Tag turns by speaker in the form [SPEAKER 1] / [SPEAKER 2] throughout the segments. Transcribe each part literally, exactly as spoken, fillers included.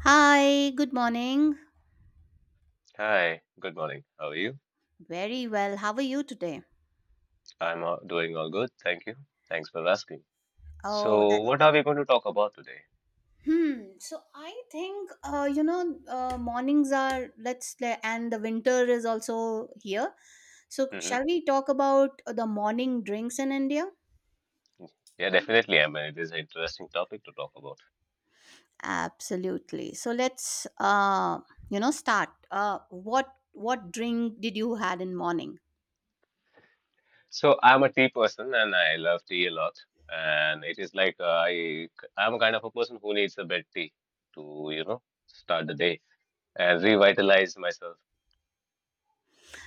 [SPEAKER 1] Hi, good morning.
[SPEAKER 2] Hi, good morning. How are you?
[SPEAKER 1] Very well. How are you today?
[SPEAKER 2] I'm uh, doing all good. Thank you. Thanks for asking.
[SPEAKER 1] Oh,
[SPEAKER 2] So,
[SPEAKER 1] that.
[SPEAKER 2] what are we going to talk about today?
[SPEAKER 1] Hmm. So I think uh, you know uh, mornings are let's le- and the winter is also here. So
[SPEAKER 2] hmm
[SPEAKER 1] shall we talk about the morning drinks in India?
[SPEAKER 2] Yeah, definitely. I mean, it is an interesting topic to talk about.
[SPEAKER 1] Absolutely. So let's uh, you know start. Uh, what what drink did you had in morning?
[SPEAKER 2] So, I'm a tea person and I love tea a lot. And it is like uh, I, I'm a kind of a person who needs a bed tea to, you know, start the day and revitalize myself.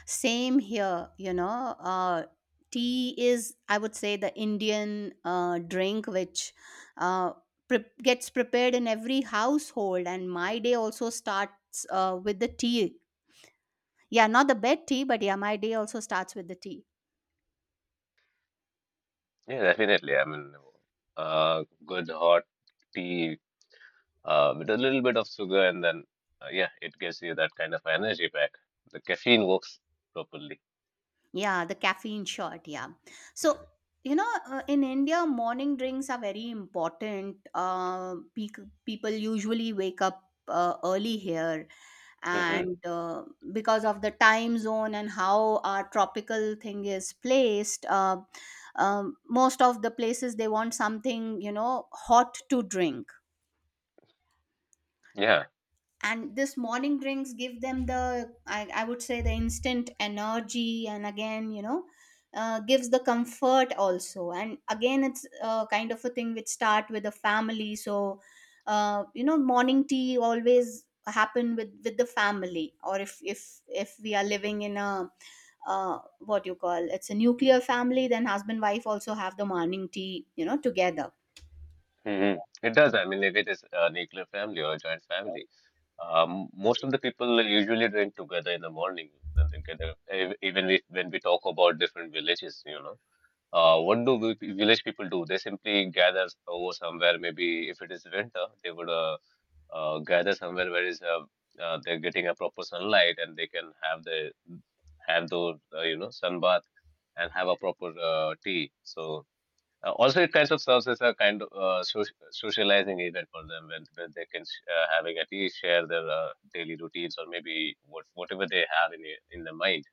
[SPEAKER 1] Same here, you know. Uh, tea is, I would say, the Indian uh, drink which uh, pre- gets prepared in every household. And my day also starts uh, with the tea. Yeah, not the bed tea, but yeah, my day also starts with the tea.
[SPEAKER 2] Yeah, definitely. I mean, uh, good hot tea uh, with a little bit of sugar, and then uh, yeah, it gives you that kind of energy back. The caffeine works properly.
[SPEAKER 1] Yeah, the caffeine shot. Yeah. So, you know, uh, in India, morning drinks are very important. Uh, pe- people usually wake up uh, early here
[SPEAKER 2] hmm
[SPEAKER 1] and uh, because of the time zone and how our tropical thing is placed, uh, um, most of the places, they want something, you know, hot to drink,
[SPEAKER 2] Yeah,
[SPEAKER 1] and this morning drinks give them the I, I would say the instant energy, and again, you know, uh, gives the comfort also, and again it's uh, kind of a thing which start with the family. So uh, you know, morning tea always happen with with the family, or if if if we are living in a uh, what you call, it's a nuclear family, then husband wife also have the morning tea, you know, together.
[SPEAKER 2] hmm it does. I mean, if it is a nuclear family or a joint family, um, most of the people usually drink together in the morning. And together, ev- even if, when we talk about different villages, you know, uh, what do vi- village people do? They simply gather over somewhere. Maybe if it is winter, they would uh, uh, gather somewhere where is uh, uh, they're getting a proper sunlight and they can have the have those uh, you know sun bath and have a proper uh, tea. So uh, also it kind of serves as a kind of uh, soc- socializing event for them when, when they can sh- uh, having a tea share their uh, daily routines or maybe what, whatever they have in their- in their mind.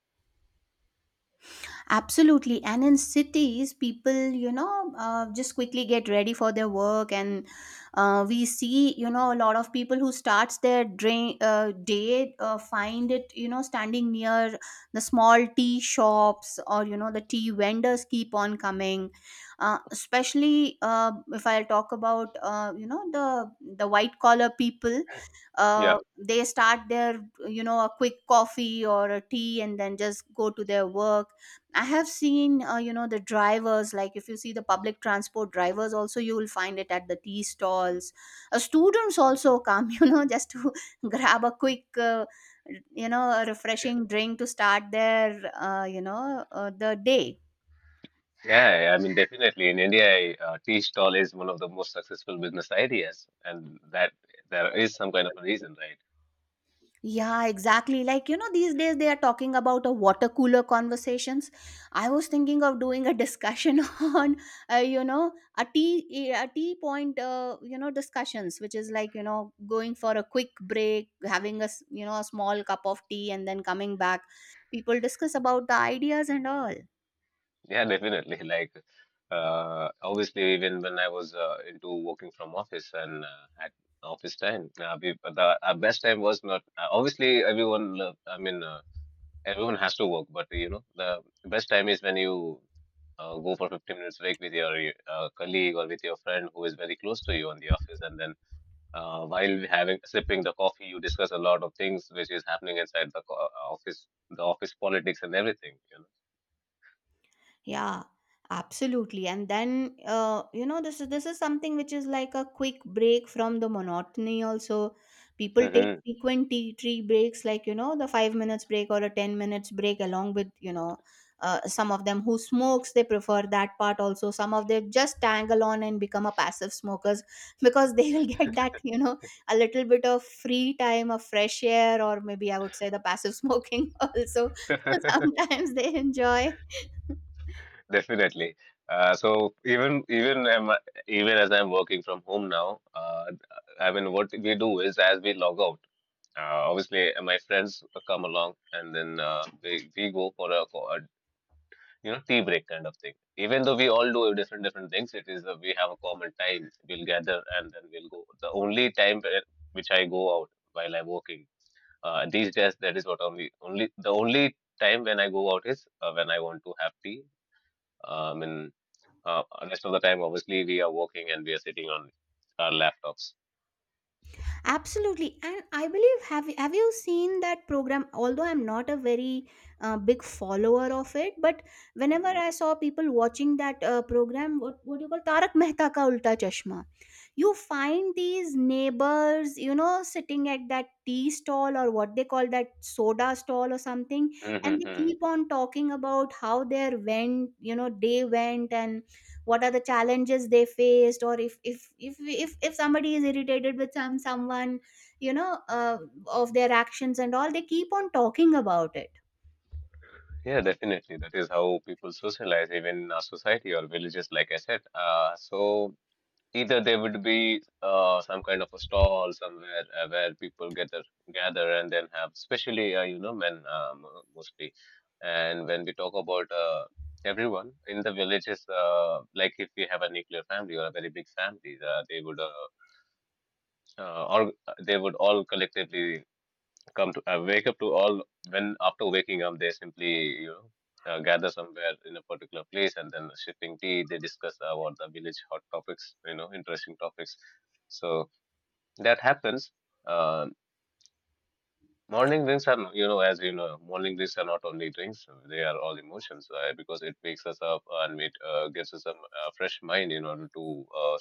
[SPEAKER 1] Absolutely. And in cities, people, you know, uh, just quickly get ready for their work. And uh, we see, you know, a lot of people who starts their drain, uh, day, uh, find it, you know, standing near the small tea shops, or, you know, the tea vendors keep on coming. Uh, especially uh, if I talk about, uh, you know, the, the white collar people, uh,
[SPEAKER 2] Yeah.
[SPEAKER 1] they start their, you know, a quick coffee or a tea and then just go to their work. I have seen, uh, you know, the drivers, like if you see the public transport drivers, also you will find it at the tea stalls. Uh, students also come, you know, just to grab a quick, uh, you know, a refreshing drink to start their, uh, you know, uh, the day.
[SPEAKER 2] Yeah, I mean, definitely in India, uh, tea stall is one of the most successful business ideas, and that there is some kind of a reason, right?
[SPEAKER 1] Yeah, exactly. Like, you know, these days they are talking about a water cooler conversations. I was thinking of doing a discussion on, uh, you know, a tea, a tea point, uh, you know, discussions, which is like, you know, going for a quick break, having a, s- you know, a small cup of tea and then coming back. People discuss about the ideas and all.
[SPEAKER 2] Yeah, definitely. Like, uh, obviously, even when I was uh, into working from office and uh, at office time, uh, we, the our best time was not uh, obviously everyone. lo- I mean, uh, everyone has to work, but you know, the best time is when you uh, go for fifteen minutes break with your uh, colleague or with your friend who is very close to you in the office, and then uh, while having sipping the coffee, you discuss a lot of things which is happening inside the co- uh, office, the office politics and everything. You know.
[SPEAKER 1] Yeah, absolutely. And then uh, you know, this is this is something which is like a quick break from the monotony also. People take
[SPEAKER 2] hmm
[SPEAKER 1] frequent tea tree breaks, like, you know, the five minutes break or a ten minutes break, along with, you know, uh, some of them who smokes, they prefer that part also. Some of them just tangle on and become a passive smokers because they will get that, you know, a little bit of free time of fresh air, or maybe I would say the passive smoking also sometimes they enjoy.
[SPEAKER 2] Definitely. Uh, so even even am even as I'm working from home now, uh, I mean, what we do is as we log out, uh, obviously uh, my friends come along and then uh, we we go for a, co- a you know tea break kind of thing. Even though we all do different different things, it is uh, we have a common time. We'll gather and then we'll go. The only time where- which I go out while I'm working uh, these days, that is what only only the only time when I go out is uh, when I want to have tea. Um, uh, Rest of the time, obviously, we are working and we are sitting on our laptops.
[SPEAKER 1] Absolutely, and I believe, have have you seen that program? Although I'm not a very uh, big follower of it, but whenever
[SPEAKER 2] hmm
[SPEAKER 1] I saw people watching that uh, program, what what do you call Tarak Mehta Ka Ulta Chashma, you find these neighbors, you know, sitting at that tea stall or what they call that soda stall or something, and they
[SPEAKER 2] hmm
[SPEAKER 1] keep on talking about how their went, you know, day went, and what are the challenges they faced, or if if if if, if somebody is irritated with some someone, you know, uh, of their actions and all, they keep on talking about it.
[SPEAKER 2] Yeah, definitely. That is how people socialize, even in our society or villages, like I said. Uh, so either there would be uh, some kind of a stall somewhere uh, where people gather, gather, and then have, especially uh, you know, men um, mostly. And when we talk about uh, everyone in the villages, uh, like if we have a nuclear family or a very big family, uh, they would. Uh, uh, or they would all collectively come to uh, wake up to all when after waking up they simply you know uh, gather somewhere in a particular place and then sipping tea they discuss about the village hot topics you know interesting topics so that happens uh, morning drinks are you know as you know morning drinks are not only drinks, they are all emotions uh, because it wakes us up and it uh, gives us a uh, fresh mind in order to uh,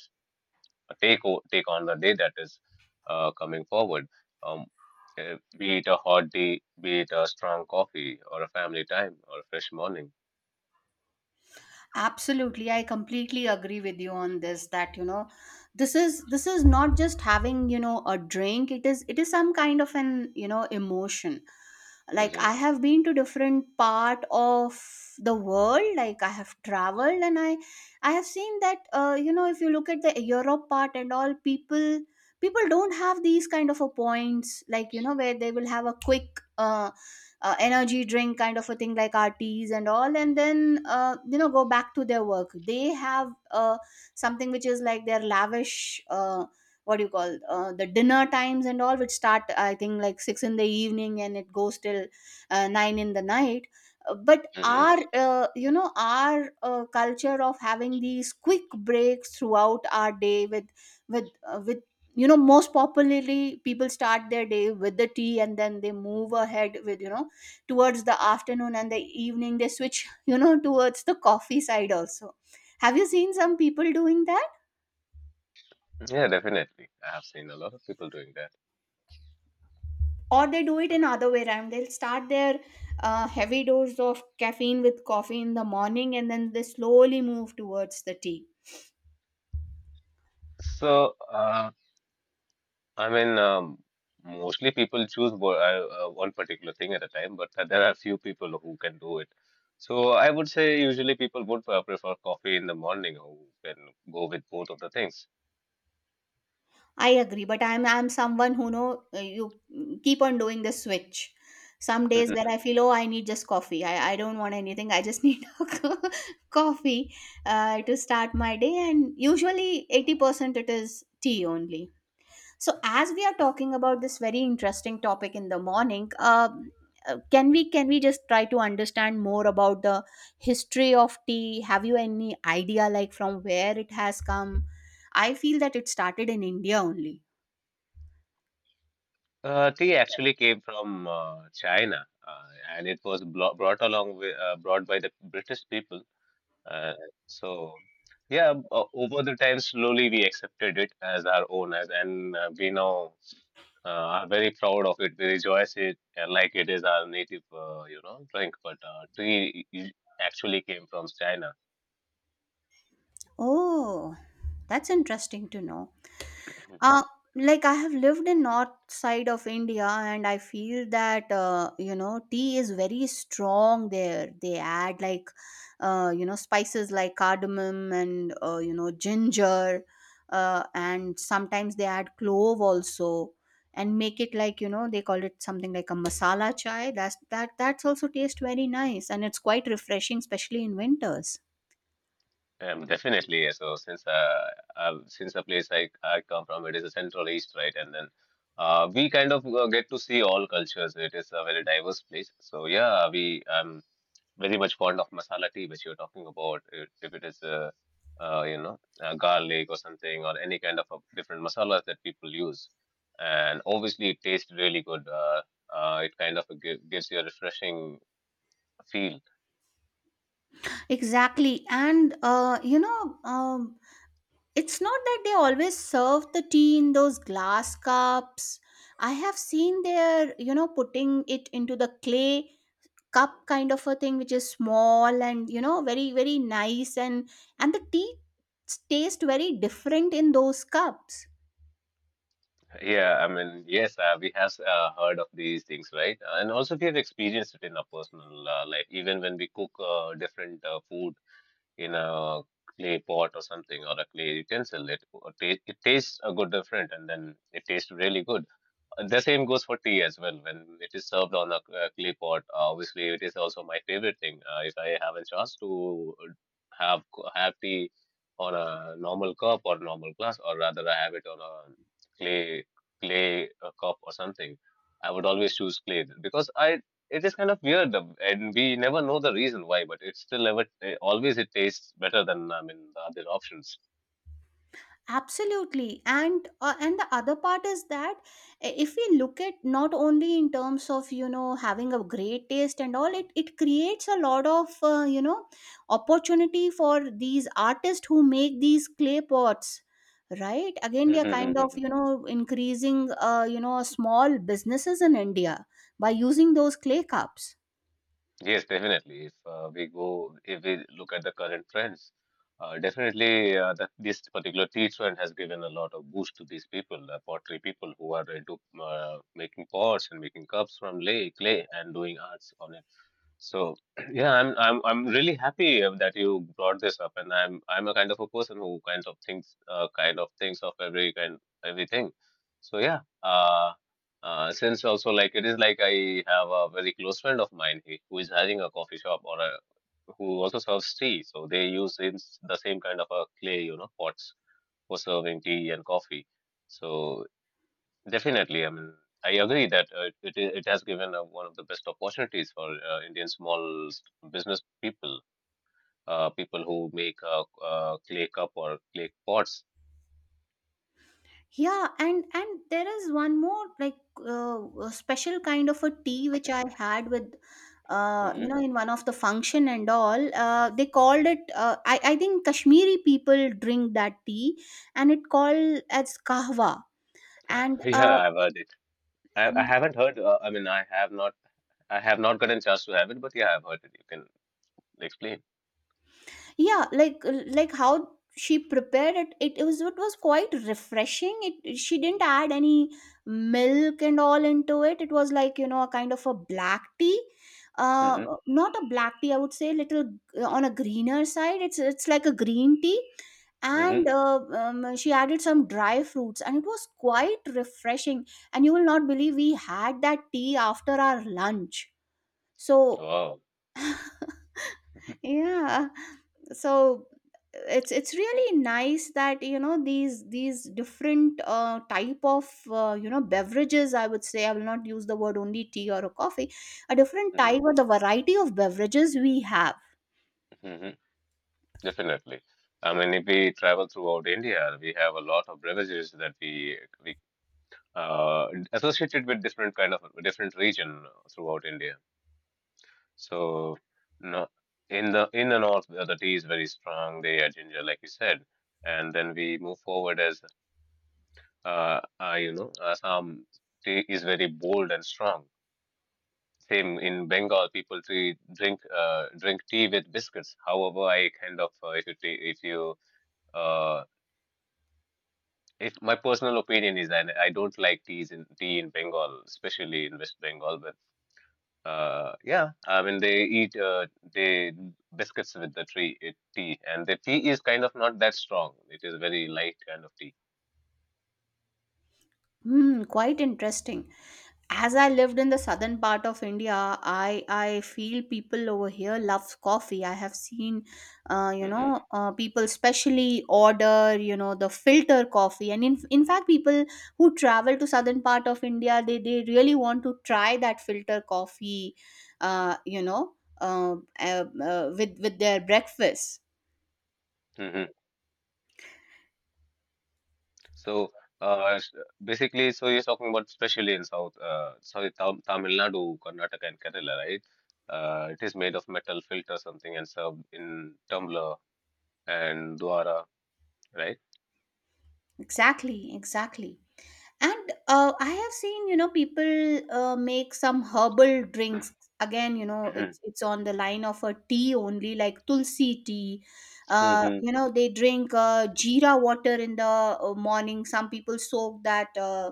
[SPEAKER 2] take o- take on the day that is uh, coming forward. Um, eh, be it a hot day, be it a strong coffee, or a family time, or a fresh morning.
[SPEAKER 1] Absolutely, I completely agree with you on this, that, you know, this is this is not just having, you know, a drink. It is it is some kind of an, you know, emotion. Like, I
[SPEAKER 2] hmm
[SPEAKER 1] have been to different part of the world. Like, I have traveled, and i i have seen that uh, you know, if you look at the europe part and all, people people don't have these kind of a points, like, you know, where they will have a quick uh, uh, energy drink kind of a thing, like our teas and all, and then, uh, you know, go back to their work. They have uh, something which is like their lavish uh, what do you call, uh, the dinner times and all, which start, I think, like six in the evening, and it goes till uh, nine in the night. Uh, but
[SPEAKER 2] hmm
[SPEAKER 1] our uh, you know, our uh, culture of having these quick breaks throughout our day, with with uh, with you know, most popularly, people start their day with the tea, and then they move ahead, with, you know, towards the afternoon, and the evening, they switch, you know, towards the coffee side also. Have you seen some people doing that?
[SPEAKER 2] Yeah, definitely. I have seen a lot of people doing that.
[SPEAKER 1] Or they do it in other way around, they'll start their uh, heavy dose of caffeine with coffee in the morning, and then they slowly move towards the tea.
[SPEAKER 2] So, uh, I mean, um, mostly people choose wo- uh, uh, one particular thing at a time, but there are few people who can do it. So, I would say usually people would uh, prefer coffee in the morning, who can go with both of the things.
[SPEAKER 1] I agree, but I'm I'm someone who know uh, you mm, keep on doing the switch. Some days where I feel, oh, I need just coffee. I, I don't want anything. I just need a co- coffee uh, to start my day. And usually eighty percent it is tea only. So as we are talking about this very interesting topic in the morning, uh, uh, can we can we just try to understand more about the history of tea? Have you any idea, like, from where it has come? I feel that it started in India only.
[SPEAKER 2] Uh, tea actually came from uh, China, uh, and it was blo brought along with, uh, brought by the British people. Uh, so, yeah, uh, over the time, slowly we accepted it as our own, as and uh, we now uh, are very proud of it. We rejoice it uh, like it is our native, uh, you know, drink. But uh, tea i- actually came from China.
[SPEAKER 1] Oh, that's interesting to know. Uh, like, I have lived in north side of India, and I feel that, uh, you know, tea is very strong there. They add, like, uh, you know, spices like cardamom and uh, you know, ginger, uh, and sometimes they add clove also, and make it like, you know, they call it something like a masala chai. That's that that's also taste very nice, and it's quite refreshing, especially in winters.
[SPEAKER 2] Um, definitely. Yeah. So since uh, uh since the place I, I come from, it is a Central East, right? And then uh, we kind of uh, get to see all cultures. It is a very diverse place. So yeah, we I'm very much fond of masala tea, which you're talking about. If if it is uh, uh, you know uh, garlic or something or any kind of a different masalas that people use, and obviously it tastes really good. Uh, uh, it kind of gi- gives you a refreshing feel.
[SPEAKER 1] Exactly. And, uh, you know, um, it's not that they always serve the tea in those glass cups. I have seen their, you know, putting it into the clay cup kind of a thing, which is small and, you know, very, very nice. And, and the tea s- taste very different in those cups.
[SPEAKER 2] Yeah, I mean, yes, uh, we have uh, heard of these things, right? Uh, and also, we have experienced it in our personal uh, life, even when we cook uh, different uh, food in a clay pot or something or a clay utensil, it, it, it tastes a good different, and then it tastes really good. The same goes for tea as well. When it is served on a, uh clay pot, uh, obviously it is also my favorite thing. Uh, if I have a chance to have have tea on a normal cup or normal glass, or rather I have it on a clay clay uh, cup or something, I would always choose clay because I it is kind of weird uh, and we never know the reason why, but it's still ever eh, always it tastes better than I mean the other options.
[SPEAKER 1] Absolutely. And uh, and the other part is that, i- if we look at, not only in terms of, you know, having a great taste and all, it it creates a lot of, uh, you know, opportunity for these artists who make these clay pots, right? Again, we are kind of, you know, increasing, uh, you know, small businesses in india, by using those clay cups.
[SPEAKER 2] Yes, definitely. If uh, we go, if we look at the current trends, uh, definitely uh, that this particular tea trend has given a lot of boost to these people, uh, pottery people who are into uh, making pots and making cups from lay, clay and doing arts on so yeah, I'm I'm I'm really happy uh, that you brought this up, and I'm I'm a kind of a person who kind of thinks uh, kind of thinks of every kind everything. So yeah, uh, uh, since also like it is like I have a very close friend of mine he- who is having a coffee shop or a who also serves tea. So they use in s- the same kind of a clay, you know, pots for serving tea and coffee. So definitely. I mean, I agree that uh, it, it it has given uh, one of the best opportunities for uh, Indian small s- business people, uh, people who make uh, uh, clay cup or clay pots.
[SPEAKER 1] Yeah, and and there is one more, like, uh, a special kind of a tea which I had with, uh, you
[SPEAKER 2] hmm
[SPEAKER 1] know, in one of the function and all. Uh, they called it uh, I, I think kashmiri people drink that tea, and it called as kahwa. And uh,
[SPEAKER 2] Yeah, I've heard it. I, I haven't heard. Uh, I mean, I have not. I have not gotten a chance to have it, but yeah, I've heard it. You can explain.
[SPEAKER 1] yeah, like like how she prepared it, it, was, it was quite refreshing. It She didn't add any milk and all into it. It was like, you know, a kind of a black tea, uh
[SPEAKER 2] hmm
[SPEAKER 1] not a black tea, I would say, little uh, on a greener side. It's it's like a green tea.
[SPEAKER 2] hmm
[SPEAKER 1] And uh, um, she added some dry fruits, and it was quite refreshing. And you will not believe, we had that tea after our lunch. So
[SPEAKER 2] Wow.
[SPEAKER 1] yeah, so it's it's really nice that, you know, these these different uh, type of, uh, you know, beverages, I would say, I will not use the word only tea or a coffee, a different
[SPEAKER 2] hmm
[SPEAKER 1] type or the variety of beverages we have.
[SPEAKER 2] hmm Definitely. I mean, if we travel throughout India, we have a lot of beverages that we we uh, associated with different kind of different region throughout India. So no, in the in the north, uh, the tea is very strong. They are ginger, like you said, and then we move forward as uh, uh, you know, Assam tea is very bold and strong. Same in Bengal, people tea, drink uh, drink tea with biscuits. However, I kind of uh, if you ta- if you uh, if my personal opinion is that I don't like teas in tea in Bengal, especially in West Bengal, but Uh, yeah, I mean they eat uh, they biscuits with the tree uh, tea, and the tea is kind of not that strong. It is very light kind of tea.
[SPEAKER 1] Hmm, quite interesting. As I lived in the southern part of India, I I feel people over here loves coffee. I have seen, uh, you
[SPEAKER 2] hmm
[SPEAKER 1] know, uh, people specially order, you know, the filter coffee, and, in in fact, people who travel to southern part of India, they they really want to try that filter coffee, uh, you know, uh, uh, uh, with with their breakfast.
[SPEAKER 2] hmm So uh, s- basically, so you're talking about especially in South, uh, sorry, Tam Tamil Nadu, Karnataka, and Kerala, right? Uh, it is made of metal filter something and served in tumbler and dwara, right?
[SPEAKER 1] Exactly, exactly. And uh, I have seen, you know, people uh, make some herbal drinks. Again, you know, it's it's on the line of a tea only, like tulsi tea. Uh,
[SPEAKER 2] hmm
[SPEAKER 1] you know, they drink uh, jeera water in the uh, morning. Some people soak that, uh,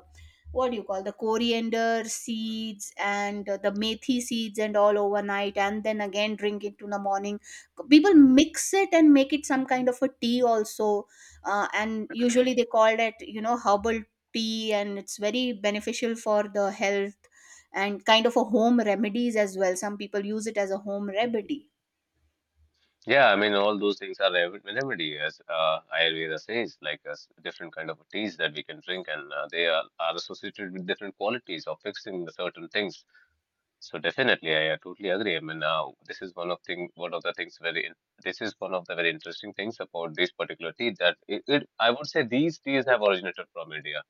[SPEAKER 1] what do you call, the coriander seeds and uh, the methi seeds and all overnight and then again drink it in the morning. People mix it and make it some kind of a tea also. Uh, and usually they call it, you know, herbal tea, and it's very beneficial for the health and kind of a home remedies as well. Some people use it as a home remedy.
[SPEAKER 2] Yeah, I mean, all those things are rem- remedy, as uh, Ayurveda says, like as different kind of teas that we can drink, and uh, they are, are associated with different qualities of fixing the certain things. So definitely, I, uh totally agree. I mean, uh, this is one of thing, one of the things very, in- This is one of the very interesting things about this particular tea that it, it I would say these teas have originated from India.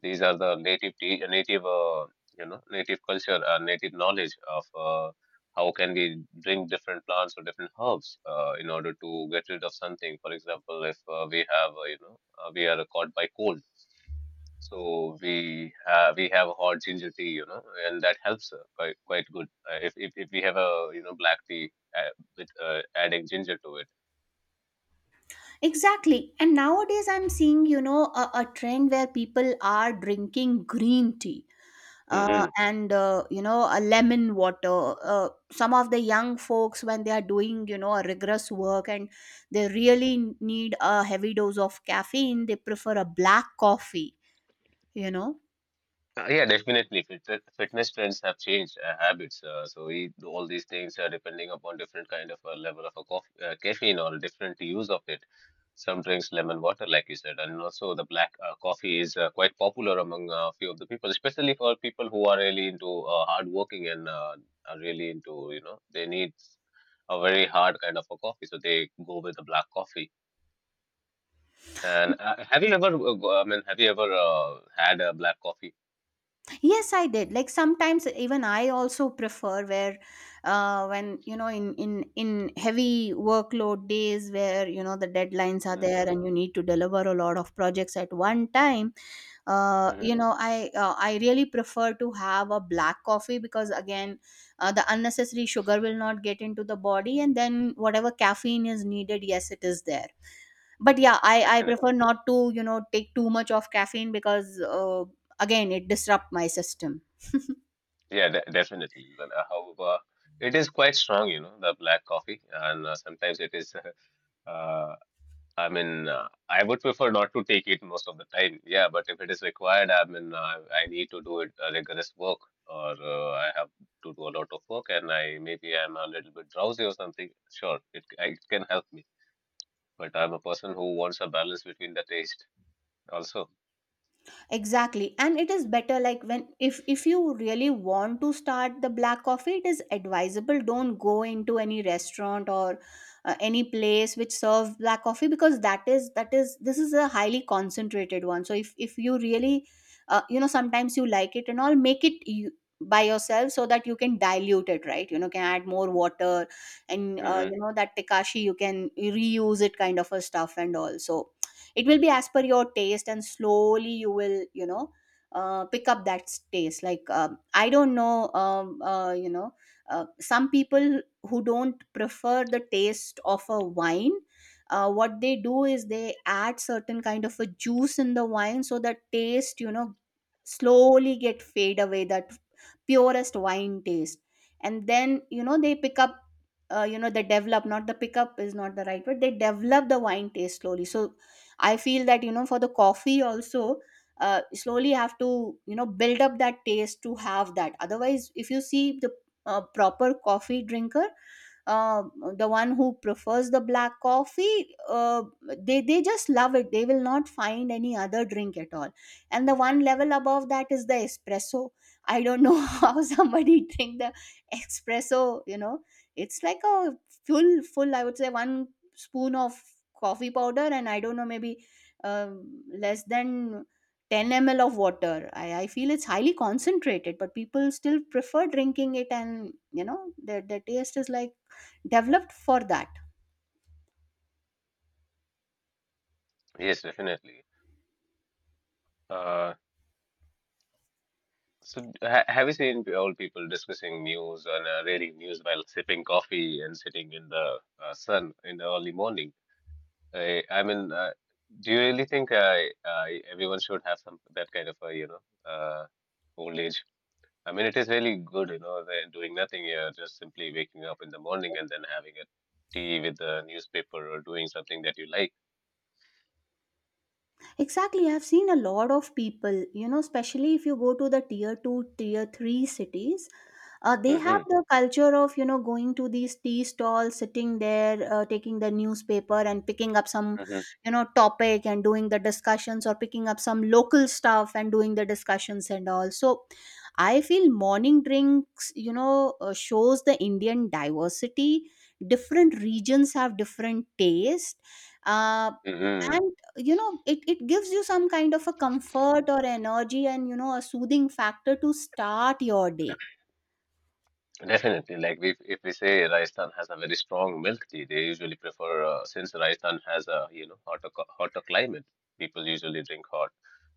[SPEAKER 2] These are the native te- uh, native uh, you know native culture or native knowledge of uh, how can we drink different plants or different herbs uh, in order to get rid of something. For example, if uh, we have uh, you know uh, we are caught by cold. So we have we have hot ginger tea, you know, and that helps uh, quite quite good. Uh, if, if if we have a you know black tea uh, with uh, adding ginger to it.
[SPEAKER 1] Exactly. And nowadays I'm seeing, you know, a, a trend where people are drinking green tea, uh,
[SPEAKER 2] Mhm.
[SPEAKER 1] and uh, you know, a lemon water. Uh, some of the young folks, when they are doing, you know, a rigorous work and they really need a heavy dose of caffeine, they prefer a black coffee, you know.
[SPEAKER 2] Uh, yeah, definitely. Fit- Fitness trends have changed uh, habits. Uh, so we do all these things uh, depending upon different kind of uh, level of a coff uh, caffeine or different use of it. Some drinks lemon water, like you said, and also the black uh, coffee is uh, quite popular among a few of the people, especially for people who are really into uh, hard working and uh, are really into, you know, they need a very hard kind of a coffee, so they go with the black coffee. And uh, have you ever, uh, go- I mean, have you ever uh, had a black coffee?
[SPEAKER 1] Yes, I did. Like sometimes even I also prefer where uh when, you know, in in in heavy workload days where, you know, the deadlines are there
[SPEAKER 2] Hmm.
[SPEAKER 1] and you need to deliver a lot of projects at one time, uh you know, I uh, I really prefer to have a black coffee because, again, uh, the unnecessary sugar will not get into the body, and then whatever caffeine is needed, yes, it is there. But yeah, I I prefer
[SPEAKER 2] Definitely.
[SPEAKER 1] not to, you know, take too much of caffeine because uh, again it disrupt my system.
[SPEAKER 2] Yeah, de definitely. Well, uh, however, it is quite strong, you know, the black coffee, and uh, sometimes it is. Uh, I mean, uh, I would prefer not to take it most of the time. Yeah, but if it is required, I mean, I, I need to do it uh, rigorous work, or uh, I have to do a lot of work, and I maybe I'm a little bit drowsy or something. Sure, it I- it can help me, but I'm a person who wants a balance between the taste also.
[SPEAKER 1] Exactly, and it is better like when, if if you really want to start the black coffee, it is advisable don't go into any restaurant or uh, any place which serve black coffee, because that is that is this is a highly concentrated one. So if if you really, uh, you know, sometimes you like it and all, make it you, by yourself, so that you can dilute it, right? You know, can add more water, and uh,
[SPEAKER 2] Hmm.
[SPEAKER 1] you know, that tekashi you can reuse it, kind of a stuff and all. So it will be as per your taste, and slowly you will, you know, uh, pick up that taste. Like um, I don't know, um, uh, you know, uh, some people who don't prefer the taste of a wine, uh, what they do is they add certain kind of a juice in the wine so that taste, you know, slowly get fade away, that purest wine taste. And then, you know, they pick up, uh, you know, they develop, not the pickup is not the right word, they develop the wine taste slowly. So I feel that, you know, for the coffee also, uh, slowly have to, you know, build up that taste to have that. Otherwise, if you see the uh, proper coffee drinker, uh, the one who prefers the black coffee, uh, they they just love it. They will not find any other drink at all. And the one level above that is the espresso. I don't know how somebody drink the espresso. You know, it's like a full full. I would say one spoon of coffee powder, and I don't know, maybe um less than ten m l of water. I, I feel it's highly concentrated, but people still prefer drinking it, and you know their, their taste is like developed for that.
[SPEAKER 2] Yes, definitely. Uh. So, ha have you seen old people discussing news and uh, reading news while sipping coffee and sitting in the uh, sun in the early morning? I, I mean, uh, do you really think I, I everyone should have some that kind of a, you know, uh, old age? I mean, it is really good, you know, they're doing nothing here, just simply waking up in the morning and then having a tea with the newspaper or doing something that you like.
[SPEAKER 1] Exactly. I've seen a lot of people, you know, especially if you go to the tier two tier three cities, uh, they have
[SPEAKER 2] Hmm.
[SPEAKER 1] the culture of, you know, going to these tea stalls, sitting there, uh, taking the newspaper and picking up some,
[SPEAKER 2] Hmm.
[SPEAKER 1] you know, topic and doing the discussions, or picking up some local stuff and doing the discussions and all. So I feel morning drinks, you know, uh, shows the Indian diversity. Different regions have different taste, uh,
[SPEAKER 2] Hmm.
[SPEAKER 1] and you know it, it gives you some kind of a comfort or energy and, you know, a soothing factor to start your day.
[SPEAKER 2] Definitely, like we, if we say Rajasthan has a very strong milk tea, they usually prefer uh, since Rajasthan has a you know hotter co- hotter climate, people usually drink hot.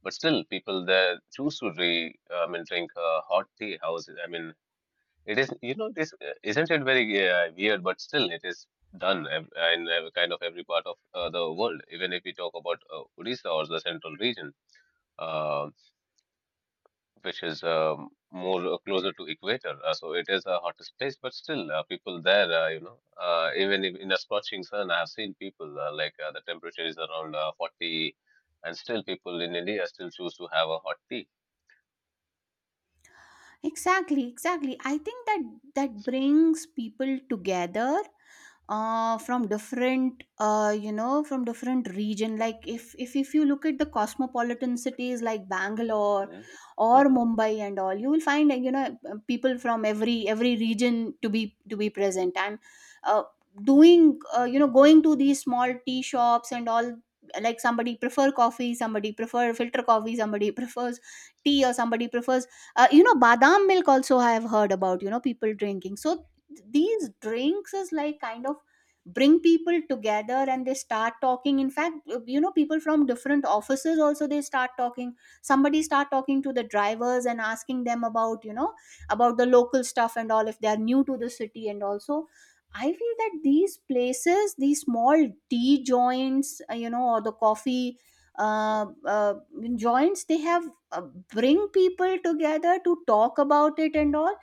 [SPEAKER 2] But still, people there choose to drink, I mean, drink uh, hot tea. House, I mean, it is you know this uh, isn't it very uh, weird? But still, it is done ev- in every kind of every part of uh, the world. Even if we talk about uh, Odisha or the central region, uh, which is um, more uh, closer to equator. Uh, so it is a hottest place, but still, uh, people there, uh, you know, uh, even if in a scorching sun, I have seen people uh, like uh, the temperature is around uh, forty, and still people in India still choose to have a hot tea.
[SPEAKER 1] Exactly, exactly. I think that that brings people together, uh, from different, uh, you know, from different region. Like if, if if you look at the cosmopolitan cities like Bangalore
[SPEAKER 2] Hmm.
[SPEAKER 1] or
[SPEAKER 2] Hmm.
[SPEAKER 1] Mumbai and all, you will find, uh, you know, uh, people from every every region to be to be present and uh, doing, uh, you know, going to these small tea shops and all. Like somebody prefer coffee, somebody prefer filter coffee, somebody prefers tea, or somebody prefers uh, you know, badam milk also I have heard about, you know, people drinking. So th- these drinks is like kind of bring people together, and they start talking. In fact, uh, you know, people from different offices also they start talking, somebody start talking to the drivers and asking them about, you know, about the local stuff and all if they are new to the city. And also, I feel that these places, these small tea joints, uh, you know, or the coffee uh, uh, joints, they have uh, bring people together to talk about it and all.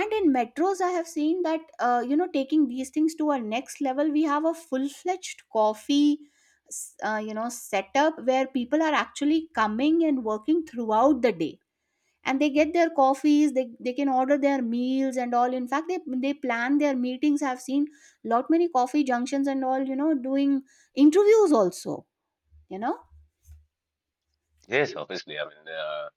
[SPEAKER 1] And in metros I have seen that, uh, you know, taking these things to our next level, we have a full-fledged coffee s- uh, you know, setup where people are actually coming and working throughout the day, and they get their coffees, they, they can order their meals and all. In fact, they, they plan their meetings. I've seen lot many coffee junctions and all, you know, doing interviews also, you know.
[SPEAKER 2] Yes, obviously. I mean, uh.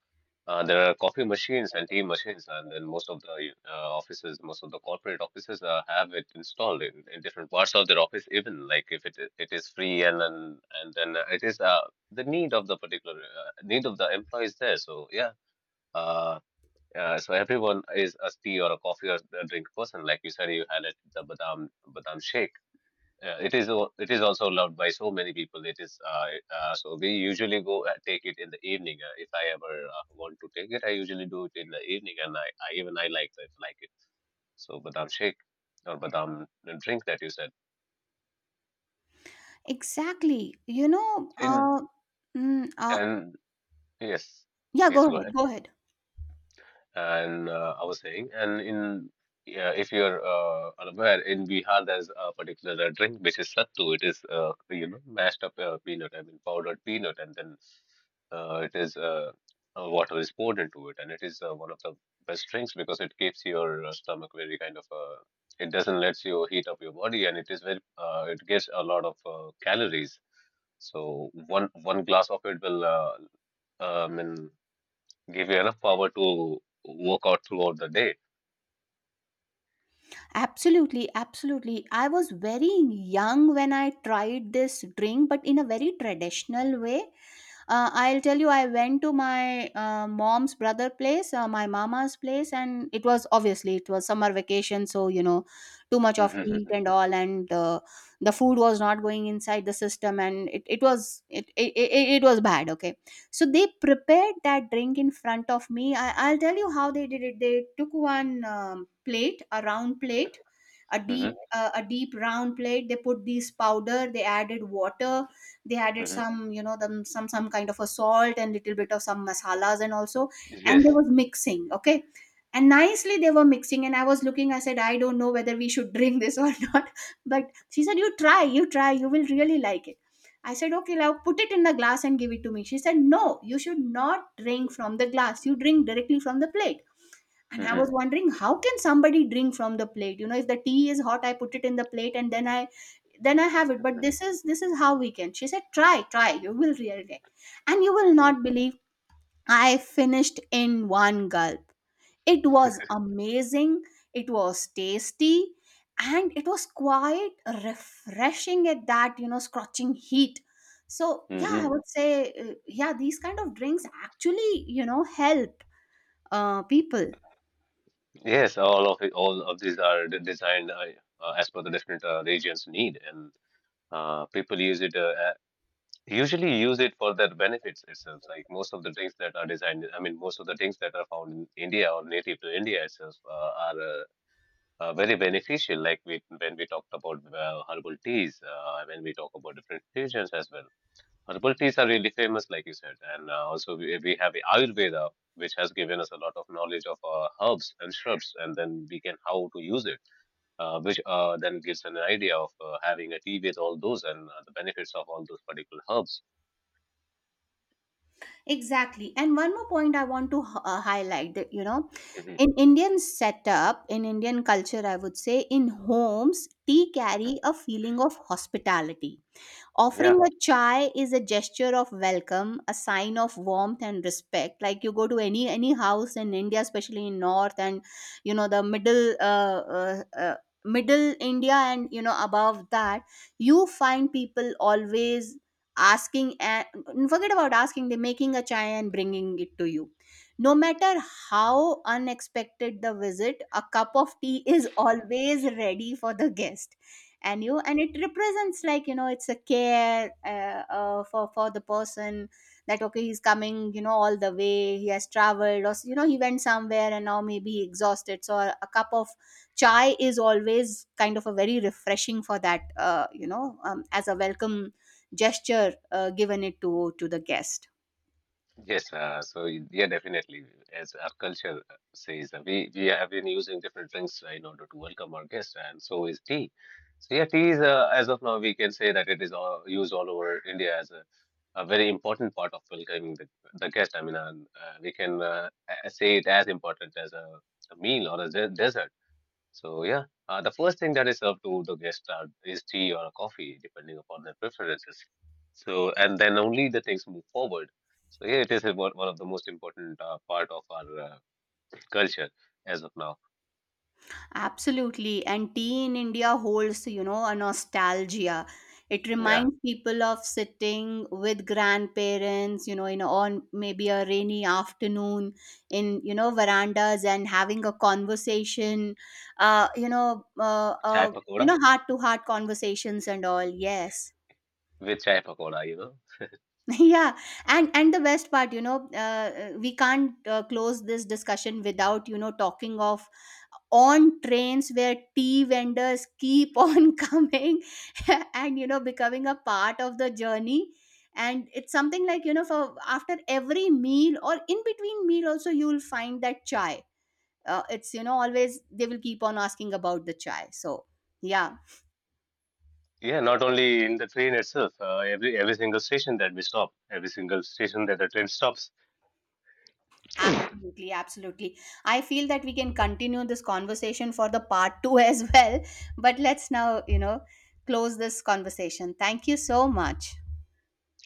[SPEAKER 2] Uh, there are coffee machines and tea machines, and then most of the uh, offices, most of the corporate offices uh, have it installed in, in different parts of their office. Even like if it it is free, and then and then it is uh, the need of the particular uh, need of the employees there. So yeah, uh, uh, so everyone is a tea or a coffee or a drink person. Like you said, you had it the badam badam shake. Uh, it is al- it is also loved by so many people. It is uh, uh, so we usually go uh, take it in the evening. Uh, if I ever uh, want to take it, I usually do it in the evening, and I, I even I like that like it. So badam shake or badam drink that you said.
[SPEAKER 1] Exactly. You know,
[SPEAKER 2] In
[SPEAKER 1] uh, mm, uh,
[SPEAKER 2] and yes,
[SPEAKER 1] yeah,
[SPEAKER 2] please
[SPEAKER 1] go
[SPEAKER 2] go
[SPEAKER 1] ahead,
[SPEAKER 2] ahead.
[SPEAKER 1] go ahead.
[SPEAKER 2] and uh, I was saying, and in yeah, if you're uh, unaware, in Bihar there's a particular uh, drink which is sattu. It is uh, you know mashed up uh, peanut, I mean powdered peanut, and then uh, it is uh, uh, water is poured into it, and it is uh, one of the best drinks because it keeps your uh, stomach very kind of uh, it doesn't let you heat up your body, and it is very uh, it gives a lot of uh, calories. So one one glass of it will uh, um, give you enough power to work out throughout the day.
[SPEAKER 1] Absolutely, absolutely. I was very young when I tried this drink, but in a very traditional way. uh, I'll tell you, I went to my uh, mom's brother place, uh, my mama's place, and it was obviously, it was summer vacation, so you know too much of heat
[SPEAKER 2] Hmm.
[SPEAKER 1] and all. And uh, the food was not going inside the system, and it, it was it, it it it was bad, okay. So they prepared that drink in front of me. I, i'll tell you how they did it. They took one um, plate, a round plate, a deep
[SPEAKER 2] Hmm.
[SPEAKER 1] uh, a deep round plate. They put this powder, they added water, they added
[SPEAKER 2] Hmm.
[SPEAKER 1] some, you know, them, some some kind of a salt and little bit of some masalas and also. And they
[SPEAKER 2] Yes.
[SPEAKER 1] was mixing, okay, and nicely they were mixing. And I was looking, I said, I don't know whether we should drink this or not. But she said, you try, you try, you will really like it. I said, okay, now put it in the glass and give it to me. She said, no, you should not drink from the glass, you drink directly from the plate. And I
[SPEAKER 2] Hmm.
[SPEAKER 1] was wondering how can somebody drink from the plate. You know, if the tea is hot, I put it in the plate and then I then i have it. But
[SPEAKER 2] Hmm.
[SPEAKER 1] this is this is how we can. She said, try, try, you will realize, and you will
[SPEAKER 2] Hmm.
[SPEAKER 1] not believe, I finished in one gulp. It was amazing, it was tasty, and it was quite refreshing at that, you know, scorching heat. So yeah, I
[SPEAKER 2] hmm
[SPEAKER 1] would say, uh, yeah, these kind of drinks actually, you know, help uh, people.
[SPEAKER 2] Yes, all of it, all of these are de- designed uh, uh, as per the different uh, regions need, and uh, people use it uh, uh, usually use it for their benefits itself. Like most of the things that are designed, I mean, most of the things that are found in India or native to India itself uh, are uh, uh, very beneficial. Like we, when we talked about uh, herbal teas, uh, when we talk about different regions as well. Herbal teas are really famous, like you said, and uh, also we, we have Ayurveda, which has given us a lot of knowledge of uh, herbs and shrubs, and then we can how to use it, uh, which uh, then gives an idea of uh, having a tea with all those and uh, the benefits of all those particular herbs.
[SPEAKER 1] Exactly. And one more point I want to h- uh, highlight that, you know,
[SPEAKER 2] Mhm,
[SPEAKER 1] in Indian setup, in Indian culture, I would say, in homes, tea carry
[SPEAKER 2] mhm.
[SPEAKER 1] a feeling of hospitality. Offering
[SPEAKER 2] Yeah.
[SPEAKER 1] a chai is a gesture of welcome, a sign of warmth and respect. Like you go to any any house in India, especially in North, and you know the middle, uh, uh, uh, middle India, and you know above that, you find people always asking and, forget about asking, they're making a chai and bringing it to you. No matter how unexpected the visit, a cup of tea is always ready for the guest. And you, and it represents, like, you know, it's a care, uh, uh, for for the person, that okay he's coming, you know, all the way he has traveled, or you know he went somewhere and now maybe he exhausted. So a, a cup of chai is always kind of a very refreshing for that, uh, you know, um, as a welcome gesture, uh, given it to to the guest.
[SPEAKER 2] Yes, uh, so y- yeah, definitely. As our culture says, uh, we we have been using different drinks uh, in order to welcome our guests, and so is tea. So yeah, tea is uh, as of now we can say that it is all, used all over India as a, a very important part of welcoming the the guest. I mean, uh, uh, we can uh, a- say it as important as a, a meal or a de- dessert. So yeah, uh, the first thing that is served to the guest are, is tea or coffee, depending upon their preferences. So and then only the things move forward. So yeah, it is a- one one of the most important uh, part of our uh, culture as of now.
[SPEAKER 1] Absolutely. And tea in India holds, you know, a nostalgia. It
[SPEAKER 2] Yeah,
[SPEAKER 1] reminds people of sitting with grandparents, you know, in, on maybe a rainy afternoon, in, you know, verandas and having a conversation, uh, you know, uh,
[SPEAKER 2] chai
[SPEAKER 1] uh, you
[SPEAKER 2] pakoda
[SPEAKER 1] know, heart to heart conversations and all. Yes.
[SPEAKER 2] with chai pakoda, you know.
[SPEAKER 1] Yeah. and and the best part, you know, uh, uh, we can't uh, close this discussion without, you know, talking of on trains where tea vendors keep on coming and, you know, becoming a part of the journey. And it's something like, you know, for after every meal or in between meal also you will find that chai, uh, it's, you know, always they will keep on asking about the chai. So yeah.
[SPEAKER 2] Yeah, not only in the train itself, uh, every every single station that we stop, every single station that the train stops.
[SPEAKER 1] Absolutely, absolutely. I feel that we can continue this conversation for the part two as well. But let's now, you know, close this conversation. Thank you so much.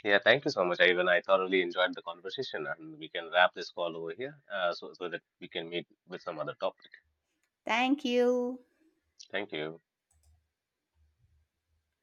[SPEAKER 2] Yeah, thank you so much, I even I thoroughly enjoyed the conversation, and we can wrap this call over here, uh, so so that we can meet with some other topic.
[SPEAKER 1] Thank you.
[SPEAKER 2] Thank you.